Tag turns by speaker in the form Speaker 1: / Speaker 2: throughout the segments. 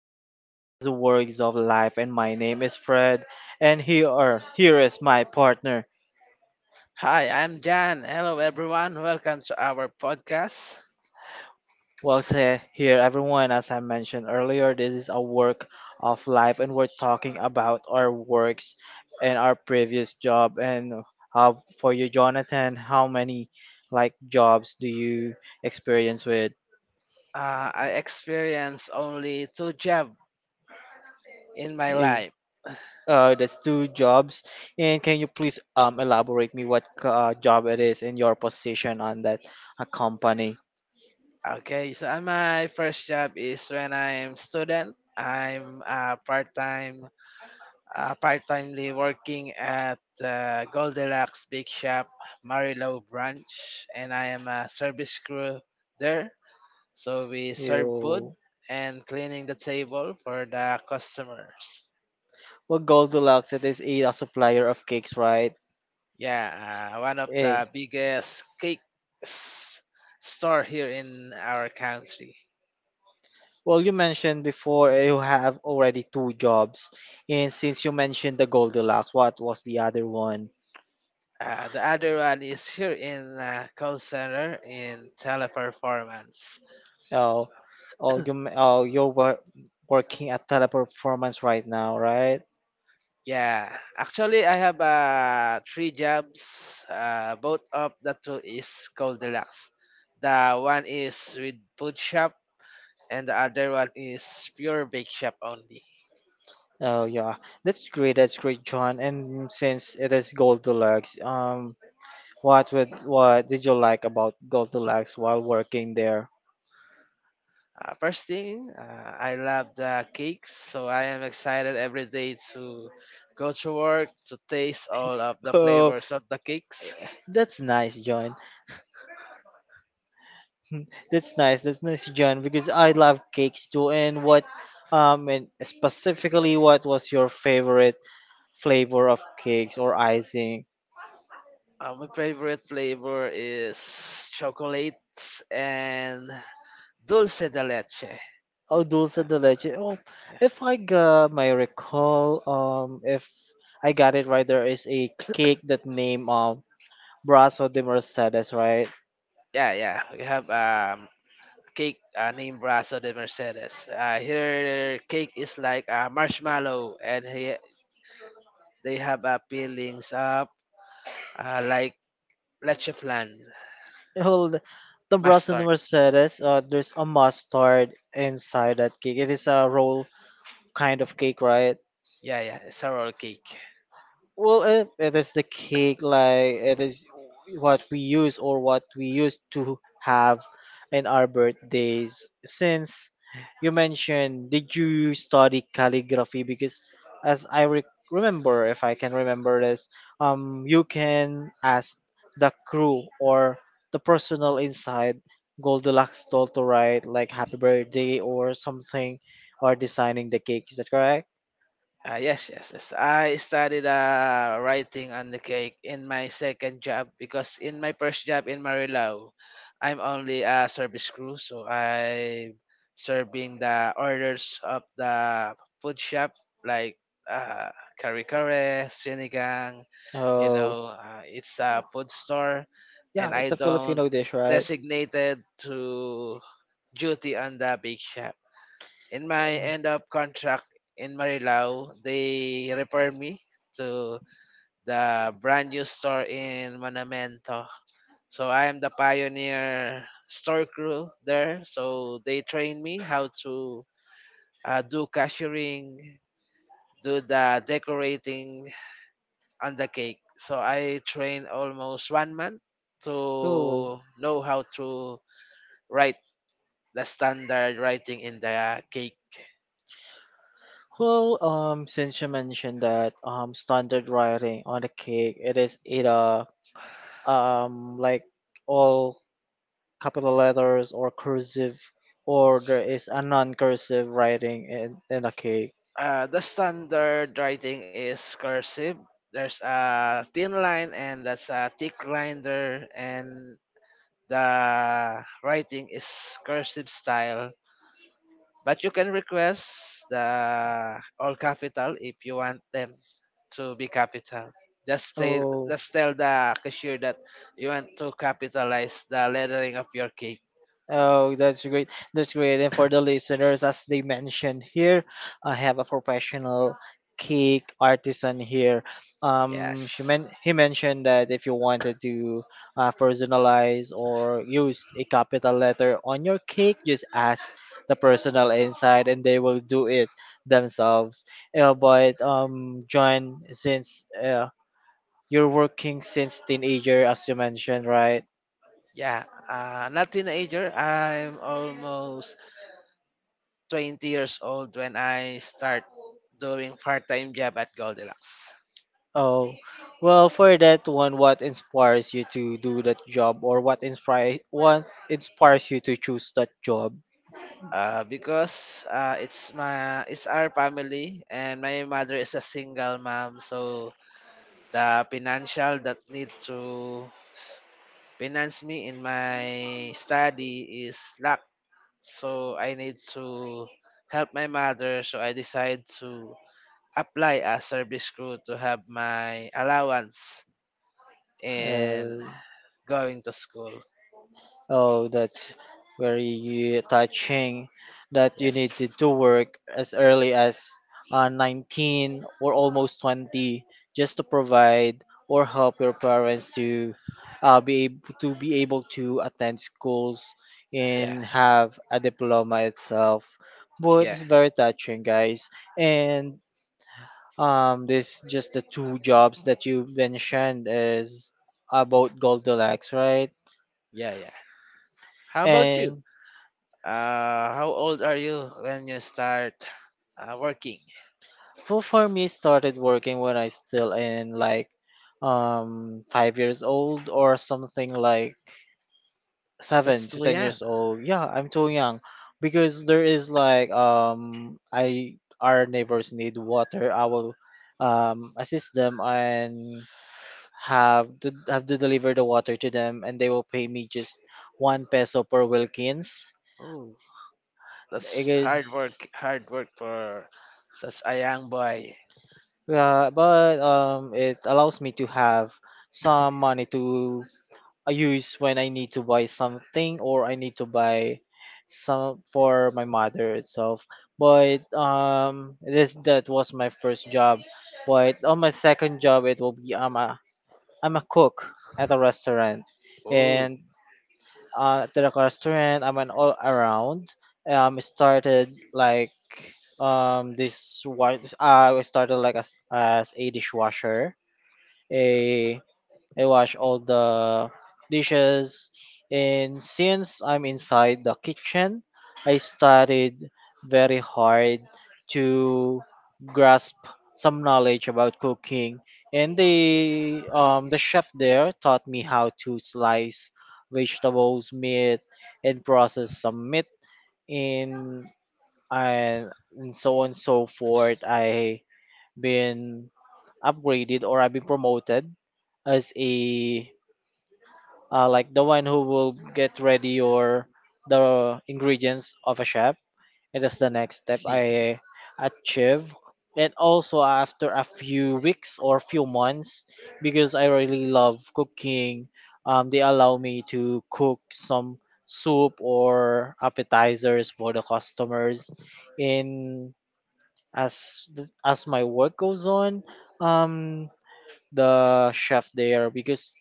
Speaker 1: to our podcast, Works of Life. And my name is Fred. And here, here is my partner.
Speaker 2: Hi, I'm Jan. Hello, everyone. Welcome to our podcast.
Speaker 1: Well, say here, everyone. As I mentioned earlier, this is a work of life, and we're talking about our works and our previous job. And how for you, Jonathan, how many like jobs do you experience with?
Speaker 2: I experienced only two jobs in my life.
Speaker 1: That's two jobs. And can you please elaborate me what job it is and your position on that company?
Speaker 2: Okay, so my first job is when I'm student. Part timely working at Goldilocks Big Shop, Marilao branch, and I am a service crew there. So we serve food
Speaker 1: You
Speaker 2: and cleaning the table for the customers.
Speaker 1: well, Goldilocks it is a supplier of cakes, right?
Speaker 2: Yeah, one of
Speaker 1: Eh.
Speaker 2: the biggest cake s- store here in our country.
Speaker 1: Well, you mentioned before you have already two jobs, and since you mentioned the Goldilocks, what was the other one?
Speaker 2: The other one is here in call center in teleperformance.
Speaker 1: Oh, oh, you're working at Teleperformance right now, right?
Speaker 2: Yeah, actually I have three jobs. Both of the two is called deluxe. The one is with food shop and the other one is pure bake shop only.
Speaker 1: Oh yeah, that's great. That's great, John. And since it is Goldilocks, what would what did you like about Goldilocks while working there?
Speaker 2: First thing, I love the cakes, so I am excited every day to go to work to taste all of the
Speaker 1: Oh,
Speaker 2: flavors of the cakes.
Speaker 1: that's nice, John. That's nice. That's nice, John. Because I love cakes too. And what and specifically, what was your favorite flavor of cakes or icing?
Speaker 2: My favorite flavor is chocolate and dulce de leche.
Speaker 1: Oh, dulce de
Speaker 2: Uh,
Speaker 1: leche. Oh,
Speaker 2: yeah,
Speaker 1: if I got my recall, if I got it right, there is a cake that name Brazo de Mercedes, right?
Speaker 2: yeah, yeah. We have cake named Brazo de Mercedes. Here, cake is like a marshmallow, and they have peelings up like leche flan,
Speaker 1: Well, the Brazo de
Speaker 2: mustard.
Speaker 1: Mercedes, there's a mustard inside that cake. It is a roll kind of cake, right?
Speaker 2: Yeah, yeah, it's a roll cake.
Speaker 1: Well, it is the cake, like it is what we used to have in our birthdays. Since you mentioned, did you study calligraphy? Because as I remember, if I can remember this, you can ask the crew or the personal inside Goldilocks doll to write like happy birthday or something or designing the cake. Is that correct?
Speaker 2: Yes, yes, yes. I started writing on the cake in my second job because in my first job in Marilao, I'm only a service crew, so I'm serving the orders of the food shop like uh, kare kare, sinigang, you
Speaker 1: Oh,
Speaker 2: know, it's a food store,
Speaker 1: yeah,
Speaker 2: and I
Speaker 1: it's a
Speaker 2: don't
Speaker 1: Filipino dish, right?
Speaker 2: designated to duty on the big shop. In my
Speaker 1: Mm.
Speaker 2: end of contract in Marilao, they refer me to the brand new store in Monumento. So I am the pioneer store crew there. So they train me how to do cashiering, do the decorating on the cake. So I train almost 1 month
Speaker 1: Oh,
Speaker 2: to know how to write the standard writing in the cake.
Speaker 1: well, since you mentioned that standard writing on the cake, it is either like all capital letters or cursive, or there is a non-cursive writing in the cake.
Speaker 2: The standard writing is cursive. There's a thin line and that's a thick line there, and the writing is cursive style. But you can request the all capital if you want them to be capital. Just tell,
Speaker 1: Oh.
Speaker 2: just tell the cashier that you want to capitalize the lettering of your cake.
Speaker 1: Oh, that's great. That's great. And for the listeners, as they mentioned here, I have a professional cake artisan here. She
Speaker 2: Yes.
Speaker 1: men- he mentioned that if you wanted to personalize or use a capital letter on your cake, just ask the personal inside and they will do it themselves. But John, since you're working since teenager, as you mentioned, right?
Speaker 2: Yeah. Not teenager. I'm almost 20 years old when I start doing part-time job at Goldilocks.
Speaker 1: Oh, well, for that one, what inspires you to do that job, or what inspires you to choose that job?
Speaker 2: Because it's my it's our family and my mother is a single mom, so the financial that need to s- finance me in my study is lack. So I need to help my mother. So I decide to apply as service crew to have my allowance in
Speaker 1: Uh,
Speaker 2: going to school.
Speaker 1: Oh, that's very touching that you
Speaker 2: Yes.
Speaker 1: needed to work as early as 19 or almost 20 just to provide or help your parents to be able to attend schools
Speaker 2: Yeah,
Speaker 1: and have a diploma itself. But
Speaker 2: yeah,
Speaker 1: it's very touching, guys. And this just the two jobs that you mentioned is about Goldilocks, right?
Speaker 2: yeah, yeah. How about you?
Speaker 1: And
Speaker 2: How old are you when you start working?
Speaker 1: for me started working when I still in like 5 years old or something like seven
Speaker 2: That's
Speaker 1: to
Speaker 2: too
Speaker 1: ten
Speaker 2: young.
Speaker 1: years old. Yeah, I'm too young because there is like I our neighbors need water. I will assist them and have to deliver the water to them, and they will pay me just one peso per Wilkins.
Speaker 2: Oh, that's
Speaker 1: Because,
Speaker 2: hard work. Hard work for such a young boy.
Speaker 1: yeah, but it allows me to have some money to I use when I need to buy something or I need to buy some for my mother itself. But this that was my first job. But on my second job, it will be I'm a cook at a restaurant,
Speaker 2: Oh,
Speaker 1: and at the restaurant I'm an all around. Started like this one. I started like as a dishwasher, a
Speaker 2: so,
Speaker 1: I wash all the dishes. And since I'm inside the kitchen, I studied very hard to grasp some knowledge about cooking. And the chef there taught me how to slice vegetables, meat, and process some meat in and, and so on and so forth. I been upgraded or I've been promoted as a like the one who will get ready your the ingredients of a chef. It is the next step
Speaker 2: see.
Speaker 1: I achieve. And also after a few weeks or few months, because I really love cooking, they allow me to cook some soup or appetizers for the customers. In as my work goes on, um, the chef there because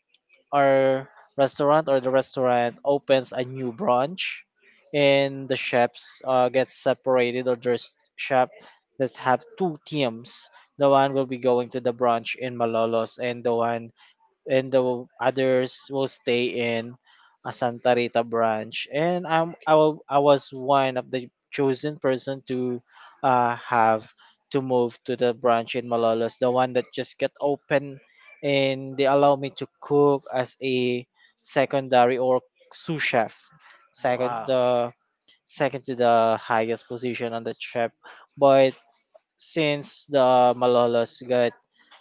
Speaker 1: our restaurant or the restaurant opens a new branch, and the chefs get separated or there's chef that have two teams, the one will be going to the branch in Malolos and the one and the others will stay in a Santa Rita branch. And
Speaker 2: Okay.
Speaker 1: I was one of the chosen person to have to move to the branch in Malolos, the one that just got open, and they allow me to cook as a secondary or sous chef, second
Speaker 2: Wow.
Speaker 1: the second to the highest position on the chef. But since the Malolos got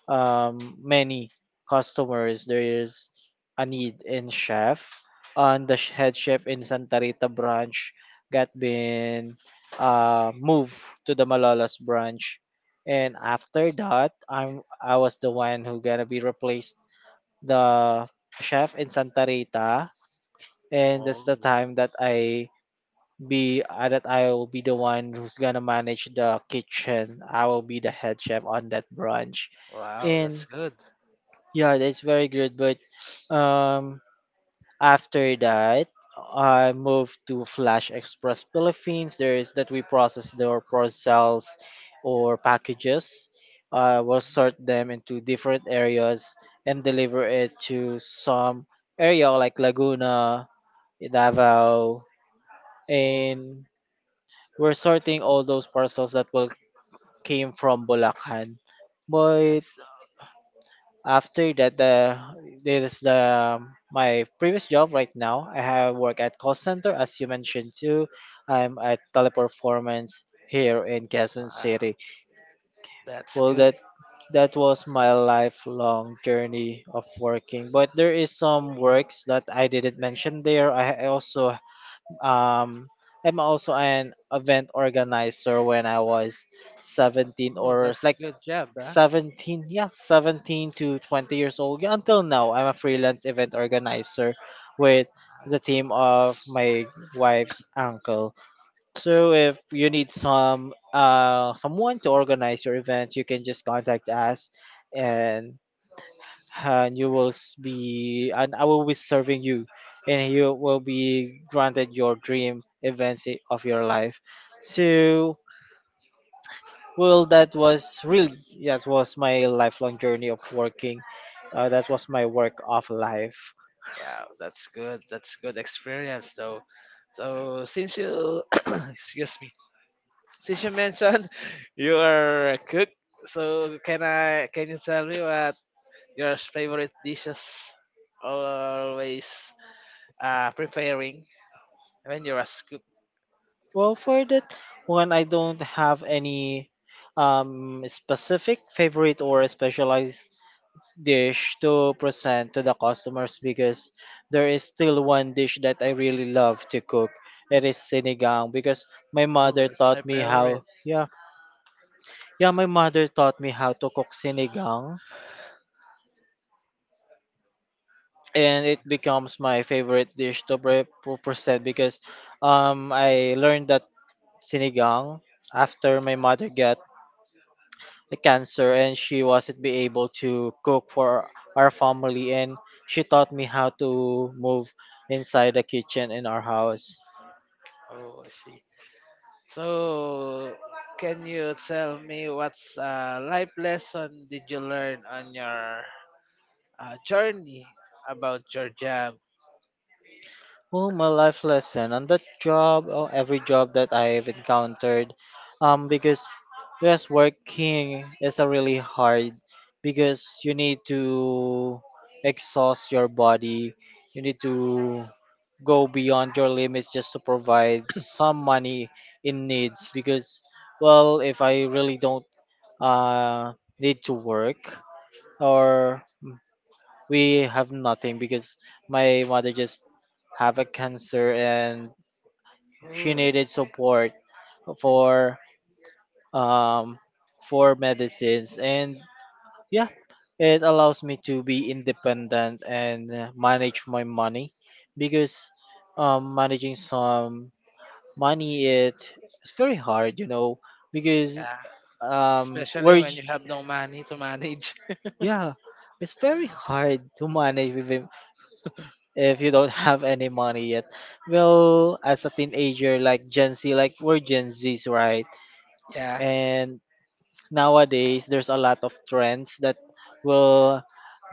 Speaker 1: many customers, there is a need in chef. And the head chef in Santa Rita branch got been moved to the Malolos branch. And after that, I was the one who gonna be replaced the chef in Santa Rita. And that's
Speaker 2: Oh,
Speaker 1: the time that I be that I will be the one who's gonna manage the kitchen. I will be the head chef on that branch.
Speaker 2: wow. That's
Speaker 1: And
Speaker 2: good.
Speaker 1: yeah, that's very good. But um, after that, I moved to Flash Express Philippines. There is that we process their parcels or packages. I will sort them into different areas and deliver it to some area like Laguna, Davao,
Speaker 2: Oh,
Speaker 1: and we're sorting all those parcels that will came from Bulacan. But
Speaker 2: nice.
Speaker 1: after that the this is the my previous job right now I have work at call center as you mentioned too, I'm at Teleperformance here in Quezon
Speaker 2: Wow.
Speaker 1: City.
Speaker 2: That's
Speaker 1: Well,
Speaker 2: good.
Speaker 1: that was my lifelong journey of working. But there is some works that I didn't mention there. I also um I'm also an event organizer when I was 17,
Speaker 2: Oh,
Speaker 1: or it's
Speaker 2: that's
Speaker 1: like
Speaker 2: good job, huh?
Speaker 1: 17, yeah, 17 to 20 years old. Yeah, until now I'm a freelance event organizer with the team of my wife's uncle. So if you need some someone to organize your event, you can just contact us,
Speaker 2: Uh,
Speaker 1: and and you will s- be and I will be serving you, and you will be granted your dream events of your life. So well, that was my lifelong journey of working. That was my work of life.
Speaker 2: wow, that's good. That's good experience, though. So since you, excuse me, since you mentioned you are a cook, so can you tell me what your favorite dishes always preparing when you're a cook?
Speaker 1: Well, for that one, I don't have any specific favorite or specialized dish to present to the customers. Because there is still one dish that I really love to cook. It is sinigang because my
Speaker 2: Oh,
Speaker 1: mother
Speaker 2: that's my
Speaker 1: taught me how.
Speaker 2: favorite.
Speaker 1: Yeah, yeah, my mother taught me how to cook sinigang, and it becomes my favorite dish to to present because I learned that sinigang after my mother got a cancer and she wasn't be able to cook for our family, and she taught me how to move inside the kitchen in our house.
Speaker 2: Oh, I see. So can you tell me what's a life lesson did you learn on your journey about your job?
Speaker 1: Well, my life lesson on that job or every job that I've encountered, because yes, working is a really hard because you need to exhaust your body, you need to go beyond your limits just to provide some money in needs. Because well, if I really don't uh need to work or we have nothing because my mother just have a cancer, and she
Speaker 2: Oh, I
Speaker 1: needed
Speaker 2: see.
Speaker 1: support for um for medicines and yeah, it allows me to be independent and manage my money. Because managing some money it's very hard you know. Because
Speaker 2: Yeah.
Speaker 1: um
Speaker 2: Especially
Speaker 1: we're
Speaker 2: when
Speaker 1: j-
Speaker 2: you have no money to manage.
Speaker 1: yeah, it's very hard to manage with him if you don't have any money yet. Well, as a teenager, like gen z, like we're gen z's, right?
Speaker 2: Yeah,
Speaker 1: And nowadays there's a lot of trends that will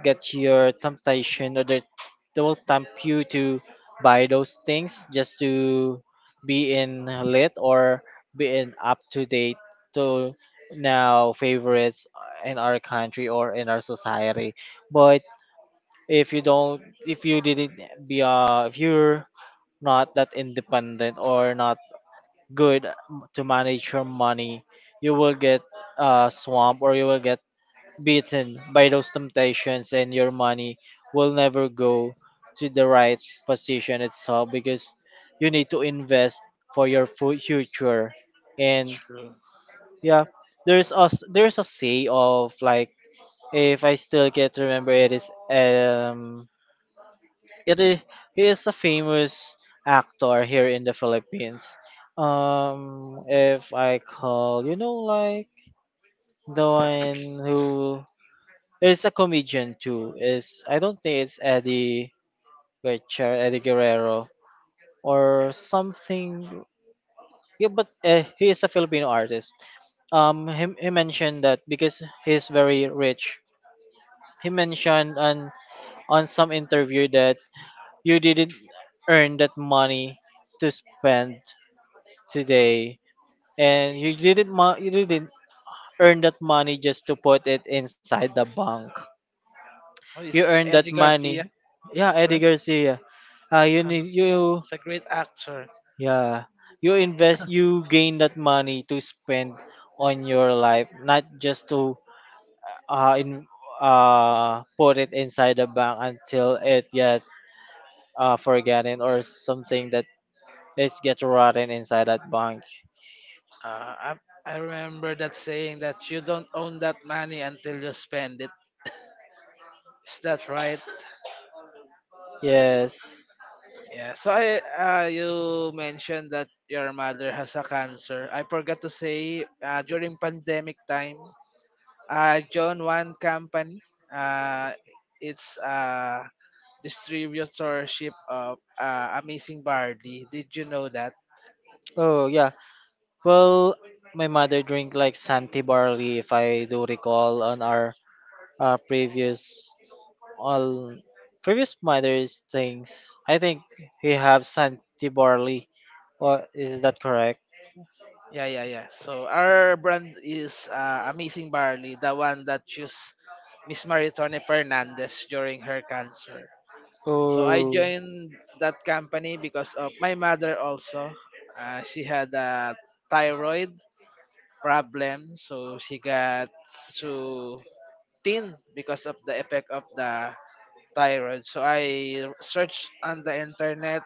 Speaker 1: get your temptation, or that they will tempt you to buy those things just to be in lit or be in up to date to now favorites in our country or in our society. But if you don't if you didn't if you're not that independent or not good to manage your money, you will get swamp, or you will get beaten by those temptations, and your money will never go to the right position itself. Because you need to invest for your future, and
Speaker 2: true.
Speaker 1: yeah, there's a there's a say of like, if I still get remember, it is it is, he is a famous actor here in the Philippines. If I call you know like the one who there's a comedian too. Is I don't think it's Eddie Guerrero, Eddie Guerrero or something. Yeah, but he is a Filipino artist. He mentioned that because he's very rich. He mentioned on some interview that you didn't earn that money to spend today, and you didn't you didn't earn that money just to put it inside the bank.
Speaker 2: Oh,
Speaker 1: You
Speaker 2: it's
Speaker 1: earn
Speaker 2: Eddie
Speaker 1: that
Speaker 2: Garcia.
Speaker 1: money. Yeah,
Speaker 2: That's
Speaker 1: Eddie
Speaker 2: right.
Speaker 1: Garcia. You
Speaker 2: Um,
Speaker 1: need you
Speaker 2: it's a great actor.
Speaker 1: yeah, you invest, you gain that money to spend on your life, not just to in put it inside the bank until it get forgotten or something that it's get rotten inside that bank.
Speaker 2: Uh, I, I remember that saying that you don't own that money until you spend it. Is that right?
Speaker 1: Yes.
Speaker 2: Yeah. So you mentioned that your mother has a cancer. I forgot to say during pandemic time, I joined One Company, uh, it's a distributorship of Amazing Barley. Did you know that?
Speaker 1: Oh yeah. Well, my mother drink like Santi barley if I do recall on our previous all previous matters things. I think we have Santi Barley. Or is that correct?
Speaker 2: Yeah, yeah, yeah. So our brand is Amazing Barley, the one that used Miss Maritone Fernandez during her cancer. So I
Speaker 1: Oh,
Speaker 2: joined that company because of my mother also. She had a thyroid problem, so she got too thin because of the effect of the thyroid. So I searched on the internet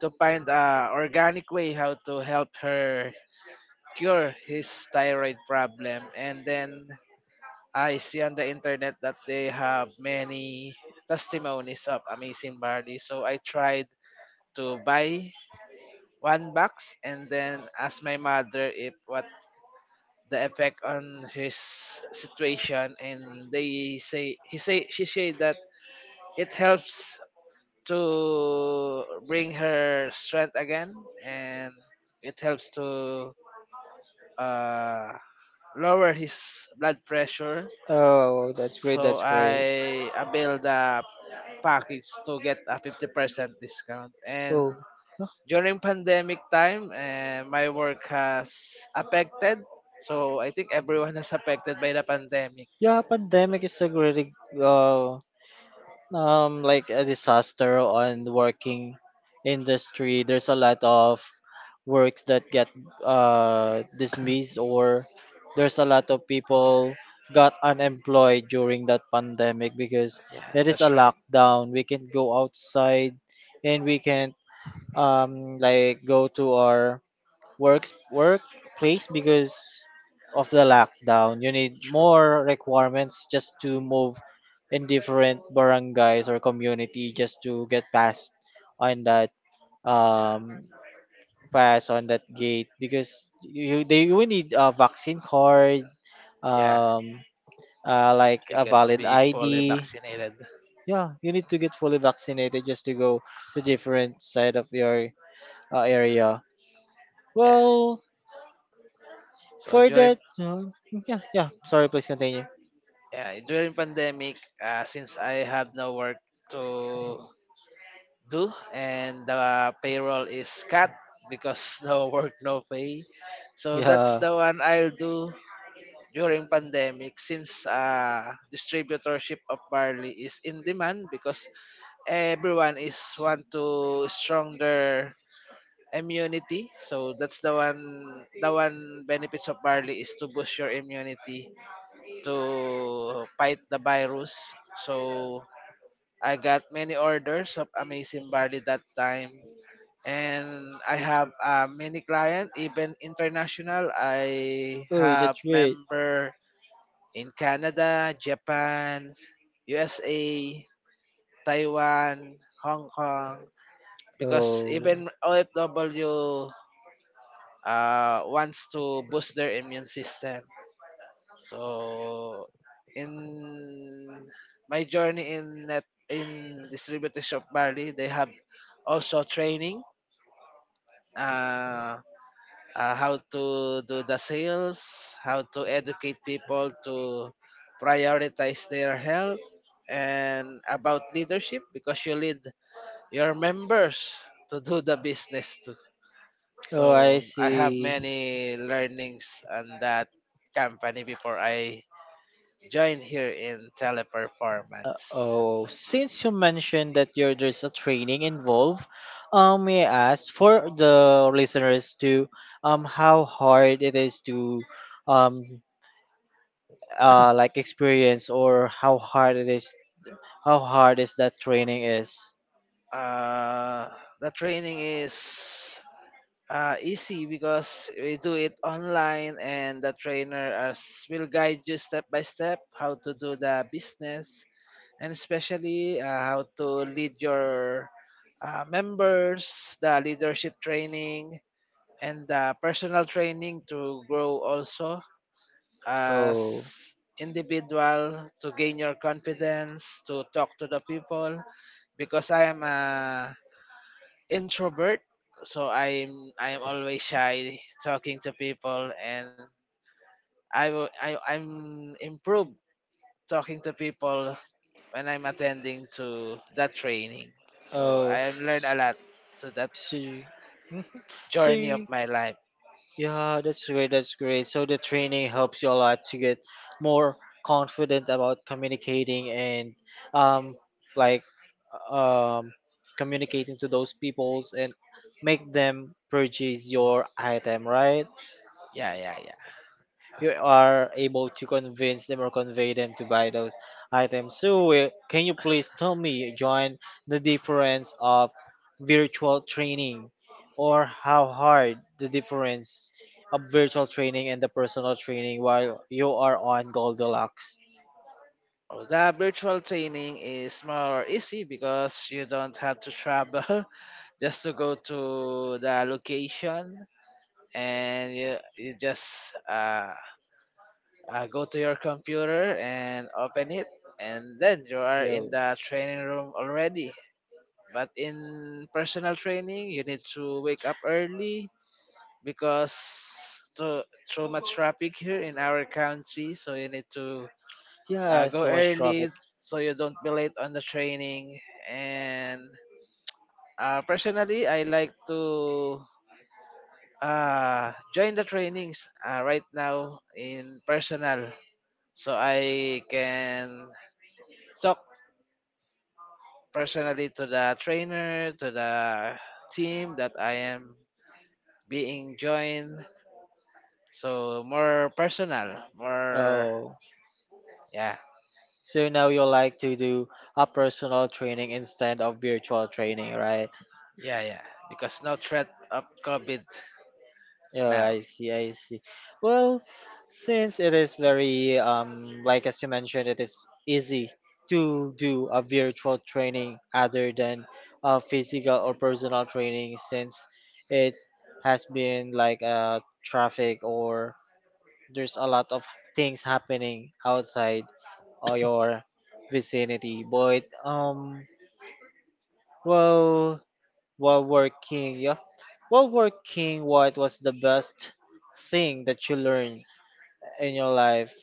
Speaker 2: to find a organic way how to help her cure his thyroid problem. And then I see on the internet that they have many testimonies of amazing barley. So I tried to buy one box and then ask my mother if what the effect on his situation and they say he say she said that it helps to bring her strength again and it helps to uh, lower his blood pressure.
Speaker 1: oh, that's great.
Speaker 2: So
Speaker 1: That's great.
Speaker 2: I build a package to get a 50% discount.
Speaker 1: Oh,
Speaker 2: And
Speaker 1: huh,
Speaker 2: during pandemic time, my work has affected. So I think everyone is affected by the pandemic.
Speaker 1: yeah. Pandemic is a great uh, like a disaster on the working industry, there's a lot of works that get dismissed, or there's a lot of people got unemployed during that pandemic because
Speaker 2: Yeah,
Speaker 1: it is a
Speaker 2: that's right.
Speaker 1: lockdown, we can not go outside and we can not like go to our works workplace because of the lockdown. You need
Speaker 2: True.
Speaker 1: more requirements just to move in different barangays or community just to get past on that um pass on that gate because you they will need a vaccine card,
Speaker 2: Yeah,
Speaker 1: um like
Speaker 2: you
Speaker 1: a
Speaker 2: get to
Speaker 1: valid
Speaker 2: be fully
Speaker 1: ID.
Speaker 2: vaccinated.
Speaker 1: Yeah, you need to get fully vaccinated just to go to different side of your area.
Speaker 2: Yeah.
Speaker 1: Well,
Speaker 2: So
Speaker 1: for
Speaker 2: during
Speaker 1: that, yeah, yeah. Sorry, please continue.
Speaker 2: yeah During pandemic, since I have no work to do and the payroll is cut because no work no pay, so that's
Speaker 1: Yeah.
Speaker 2: the one I'll do during pandemic, since distributorship of barley is in demand because everyone is want to stronger immunity. So that's the one benefits of barley is to boost your immunity to fight the virus. So I got many orders of Amazing Barley that time and I have many clients, even international. I
Speaker 1: Oh,
Speaker 2: have
Speaker 1: that's great.
Speaker 2: member in Canada, Japan, USA, Taiwan, Hong Kong, because
Speaker 1: Oh,
Speaker 2: even OFW wants to boost their immune system. So in my journey in distributors of Bali, they have also training. Uh, how to do the sales, how to educate people to prioritize their health, and about leadership because you lead your members to do the business too.
Speaker 1: oh, I
Speaker 2: So I have
Speaker 1: see.
Speaker 2: many learnings on that company before I joined here in teleperformance.
Speaker 1: Oh, since you mentioned that you're, there's a training involved, may I ask for the listeners to how hard it is to um like experience or how hard it is, how hard is that training is?
Speaker 2: Uh, the training is easy because we do it online and the trainer as will guide you step by step how to do the business, and especially how to lead your members, the leadership training and the personal training to grow also as
Speaker 1: Oh,
Speaker 2: individual to gain your confidence to talk to the people, because I am a introvert, so I'm always shy talking to people, and I, will- I I'm improved talking to people when I'm attending to that training. So I
Speaker 1: oh,
Speaker 2: have learned
Speaker 1: s-
Speaker 2: a lot to that
Speaker 1: see. So,
Speaker 2: journey of my life.
Speaker 1: yeah, that's great. That's great. So the training helps you a lot to get more confident about communicating and um like um communicating to those peoples and make them purchase your item, right?
Speaker 2: Yeah, yeah, yeah.
Speaker 1: You are able to convince them or convey them to buy those items. So, can you please tell me, John, the difference of virtual training, or how hard the difference of virtual training and the personal training while you are on Goldilocks?
Speaker 2: Oh, the virtual training is more easy because you don't have to travel just to go to the location and you just go to your computer and open it, and then you are in
Speaker 1: Yo,
Speaker 2: the training room already. But in personal training you need to wake up early because so much traffic here in our country, so you need to
Speaker 1: yeah,
Speaker 2: go
Speaker 1: so much
Speaker 2: early
Speaker 1: traffic.
Speaker 2: so you don't be late on the training. And personally I like to join the trainings right now in personal, so I can talk personally to the trainer, to the team that I am being joined. So more personal, more
Speaker 1: Oh,
Speaker 2: yeah,
Speaker 1: so now you like to do a personal training instead of virtual training, right?
Speaker 2: yeah, yeah. Because no threat of COVID
Speaker 1: Oh,
Speaker 2: now.
Speaker 1: I see, I see. Well, since it is very like as you mentioned, it is easy to do a virtual training other than physical or personal training since it has been like traffic or there's a lot of things happening outside or your vicinity. But well, while working, yeah. While working, what was the best thing that you learned in your life?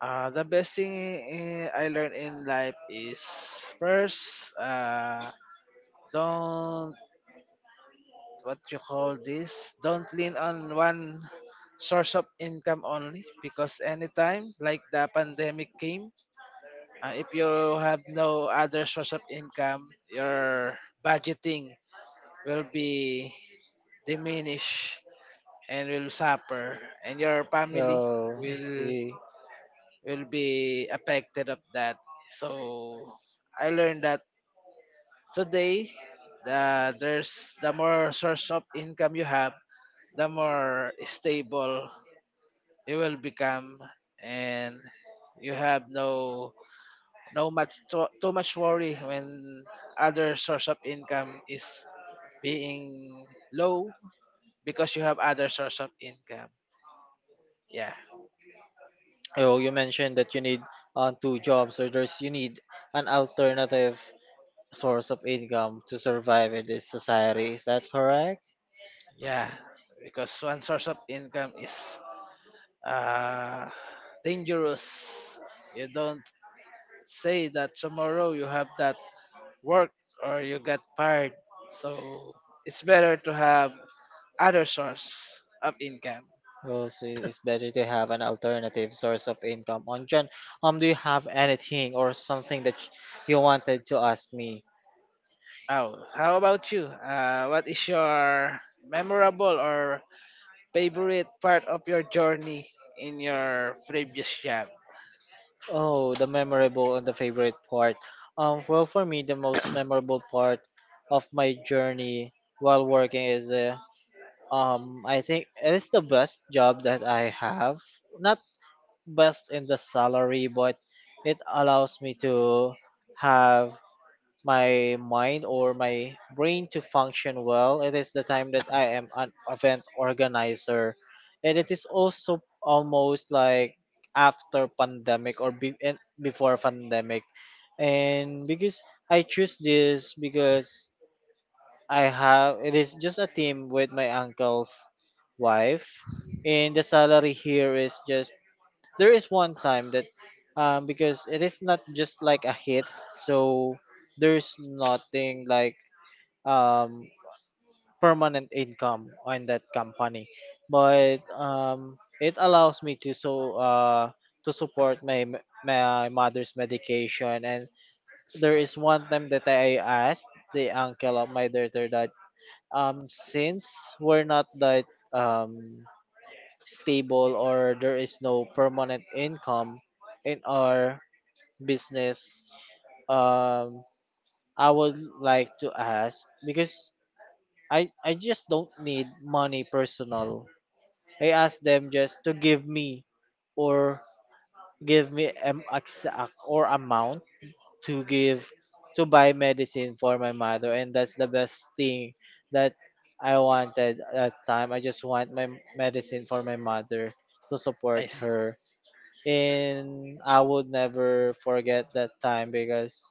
Speaker 2: The best thing I learned in life is first, don't, what you call this, don't lean on one source of income only because anytime like the pandemic came. If you have no other source of income, your budgeting will be diminished and will suffer, and your family
Speaker 1: Oh, I
Speaker 2: will
Speaker 1: see.
Speaker 2: will be affected of that. So I learned that today, there's the more source of income you have, the more stable you will become, and you have no much too much worry when other source of income is being low because you have other source of income. Yeah,
Speaker 1: Oh, you mentioned that you need two jobs, or there's you need an alternative source of income to survive in this society. Is that correct?
Speaker 2: yeah, because one source of income is uh dangerous. You don't say that tomorrow you have that work or you get fired. So it's better to have other source of income.
Speaker 1: Oh, so it's better to have an alternative source of income. On John, do you have anything or something that you wanted to ask me?
Speaker 2: Oh, how about you? What is your memorable or favorite part of your journey in your previous job?
Speaker 1: Oh, the memorable and the favorite part. Well, for me, the most memorable part of my journey while working is I think it is the best job that I have. Not best in the salary, but it allows me to have my mind or my brain to function well. It is the time that I am an event organizer, and it is also almost like after pandemic or and before pandemic, and because I choose this because I have, it is just a team with my uncle's wife, and the salary here is just, there is one time that because it is not just like a hit, so there's nothing like um permanent income on that company, but it allows me to so to support my my mother's medication. And there is one time that I asked the uncle of my daughter that since we're not that um stable, or there is no permanent income in our business, um I would like to ask because I just don't need money personal, I ask them just to give me or give me an exact or amount to give, to buy medicine for my mother. And that's the best thing that I wanted at that time, I just want my medicine for my mother to
Speaker 2: I
Speaker 1: support
Speaker 2: see.
Speaker 1: her. And I would never forget that time because,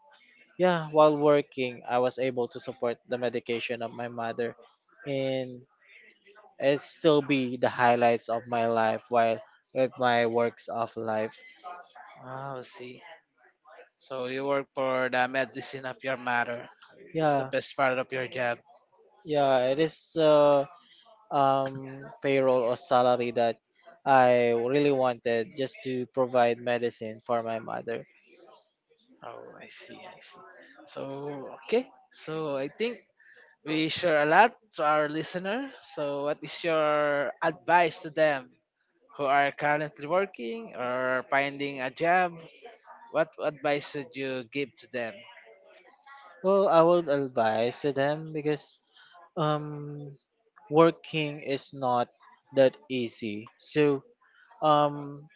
Speaker 1: yeah, while working, I was able to support the medication of my mother, and it still be the highlights of my life while with my works of life.
Speaker 2: Oh, I see. So you work for the medicine of your mother. That's the
Speaker 1: Yeah,
Speaker 2: best part of your job.
Speaker 1: yeah, it is the payroll or salary that I really wanted just to provide medicine for my mother.
Speaker 2: Oh, I see. I see. So okay. So I think we share a lot to our listener. So what is your advice to them who are currently working or finding a job? What advice would you give to them?
Speaker 1: Well, I would advise to them because um working is not that easy. So um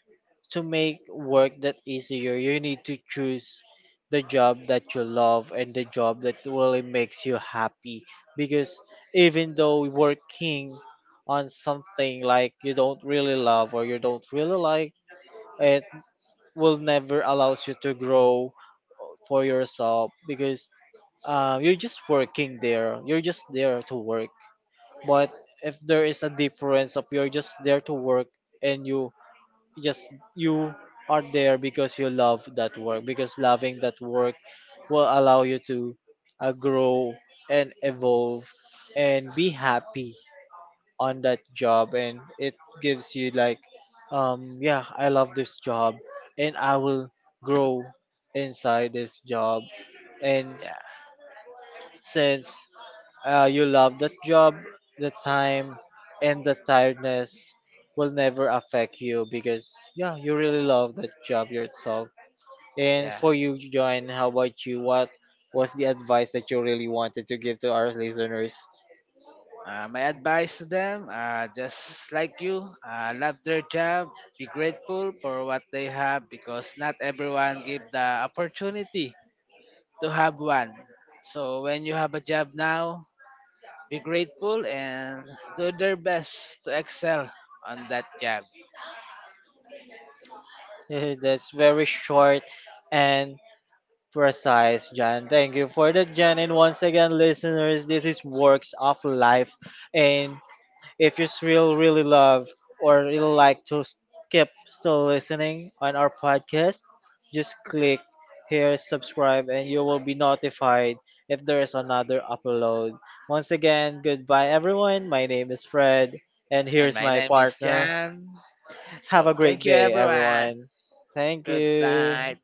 Speaker 1: to make work that easier, you need to choose the job that you love and the job that really makes you happy. Because even though working on something like you don't really love or you don't really like, it will never allows you to grow for yourself because you're just working there. You're just there to work. But if there is a difference of you're just there to work and you, yes, you are there because you love that work, because loving that work will allow you to grow and evolve and be happy on that job. And it gives you, like, yeah, I love this job and I will grow inside this job. And
Speaker 2: Yeah.
Speaker 1: since you love that job, the time and the tiredness will never affect you because yeah, you really love that job yourself. And
Speaker 2: Yeah.
Speaker 1: for you, John, how about you? What was the advice that you really wanted to give to our listeners?
Speaker 2: My advice to them, just like you, love their job, be grateful for what they have because not everyone give the opportunity to have one. So when you have a job now, be grateful and do their best to excel on that job.
Speaker 1: Eh, that's very short and precise, John. Thank you for that, John. And once again, listeners, this is Works of Life, and if you still really love or really like to keep still listening on our podcast, just click here, subscribe, and you will be notified if there is another upload. Once again, goodbye everyone. My name is Fred, and
Speaker 2: And
Speaker 1: here's
Speaker 2: my
Speaker 1: my
Speaker 2: name is
Speaker 1: partner.
Speaker 2: Jan.
Speaker 1: Have a
Speaker 2: So
Speaker 1: great
Speaker 2: thank you
Speaker 1: day,
Speaker 2: everyone.
Speaker 1: everyone. Thank
Speaker 2: Good
Speaker 1: you.
Speaker 2: night.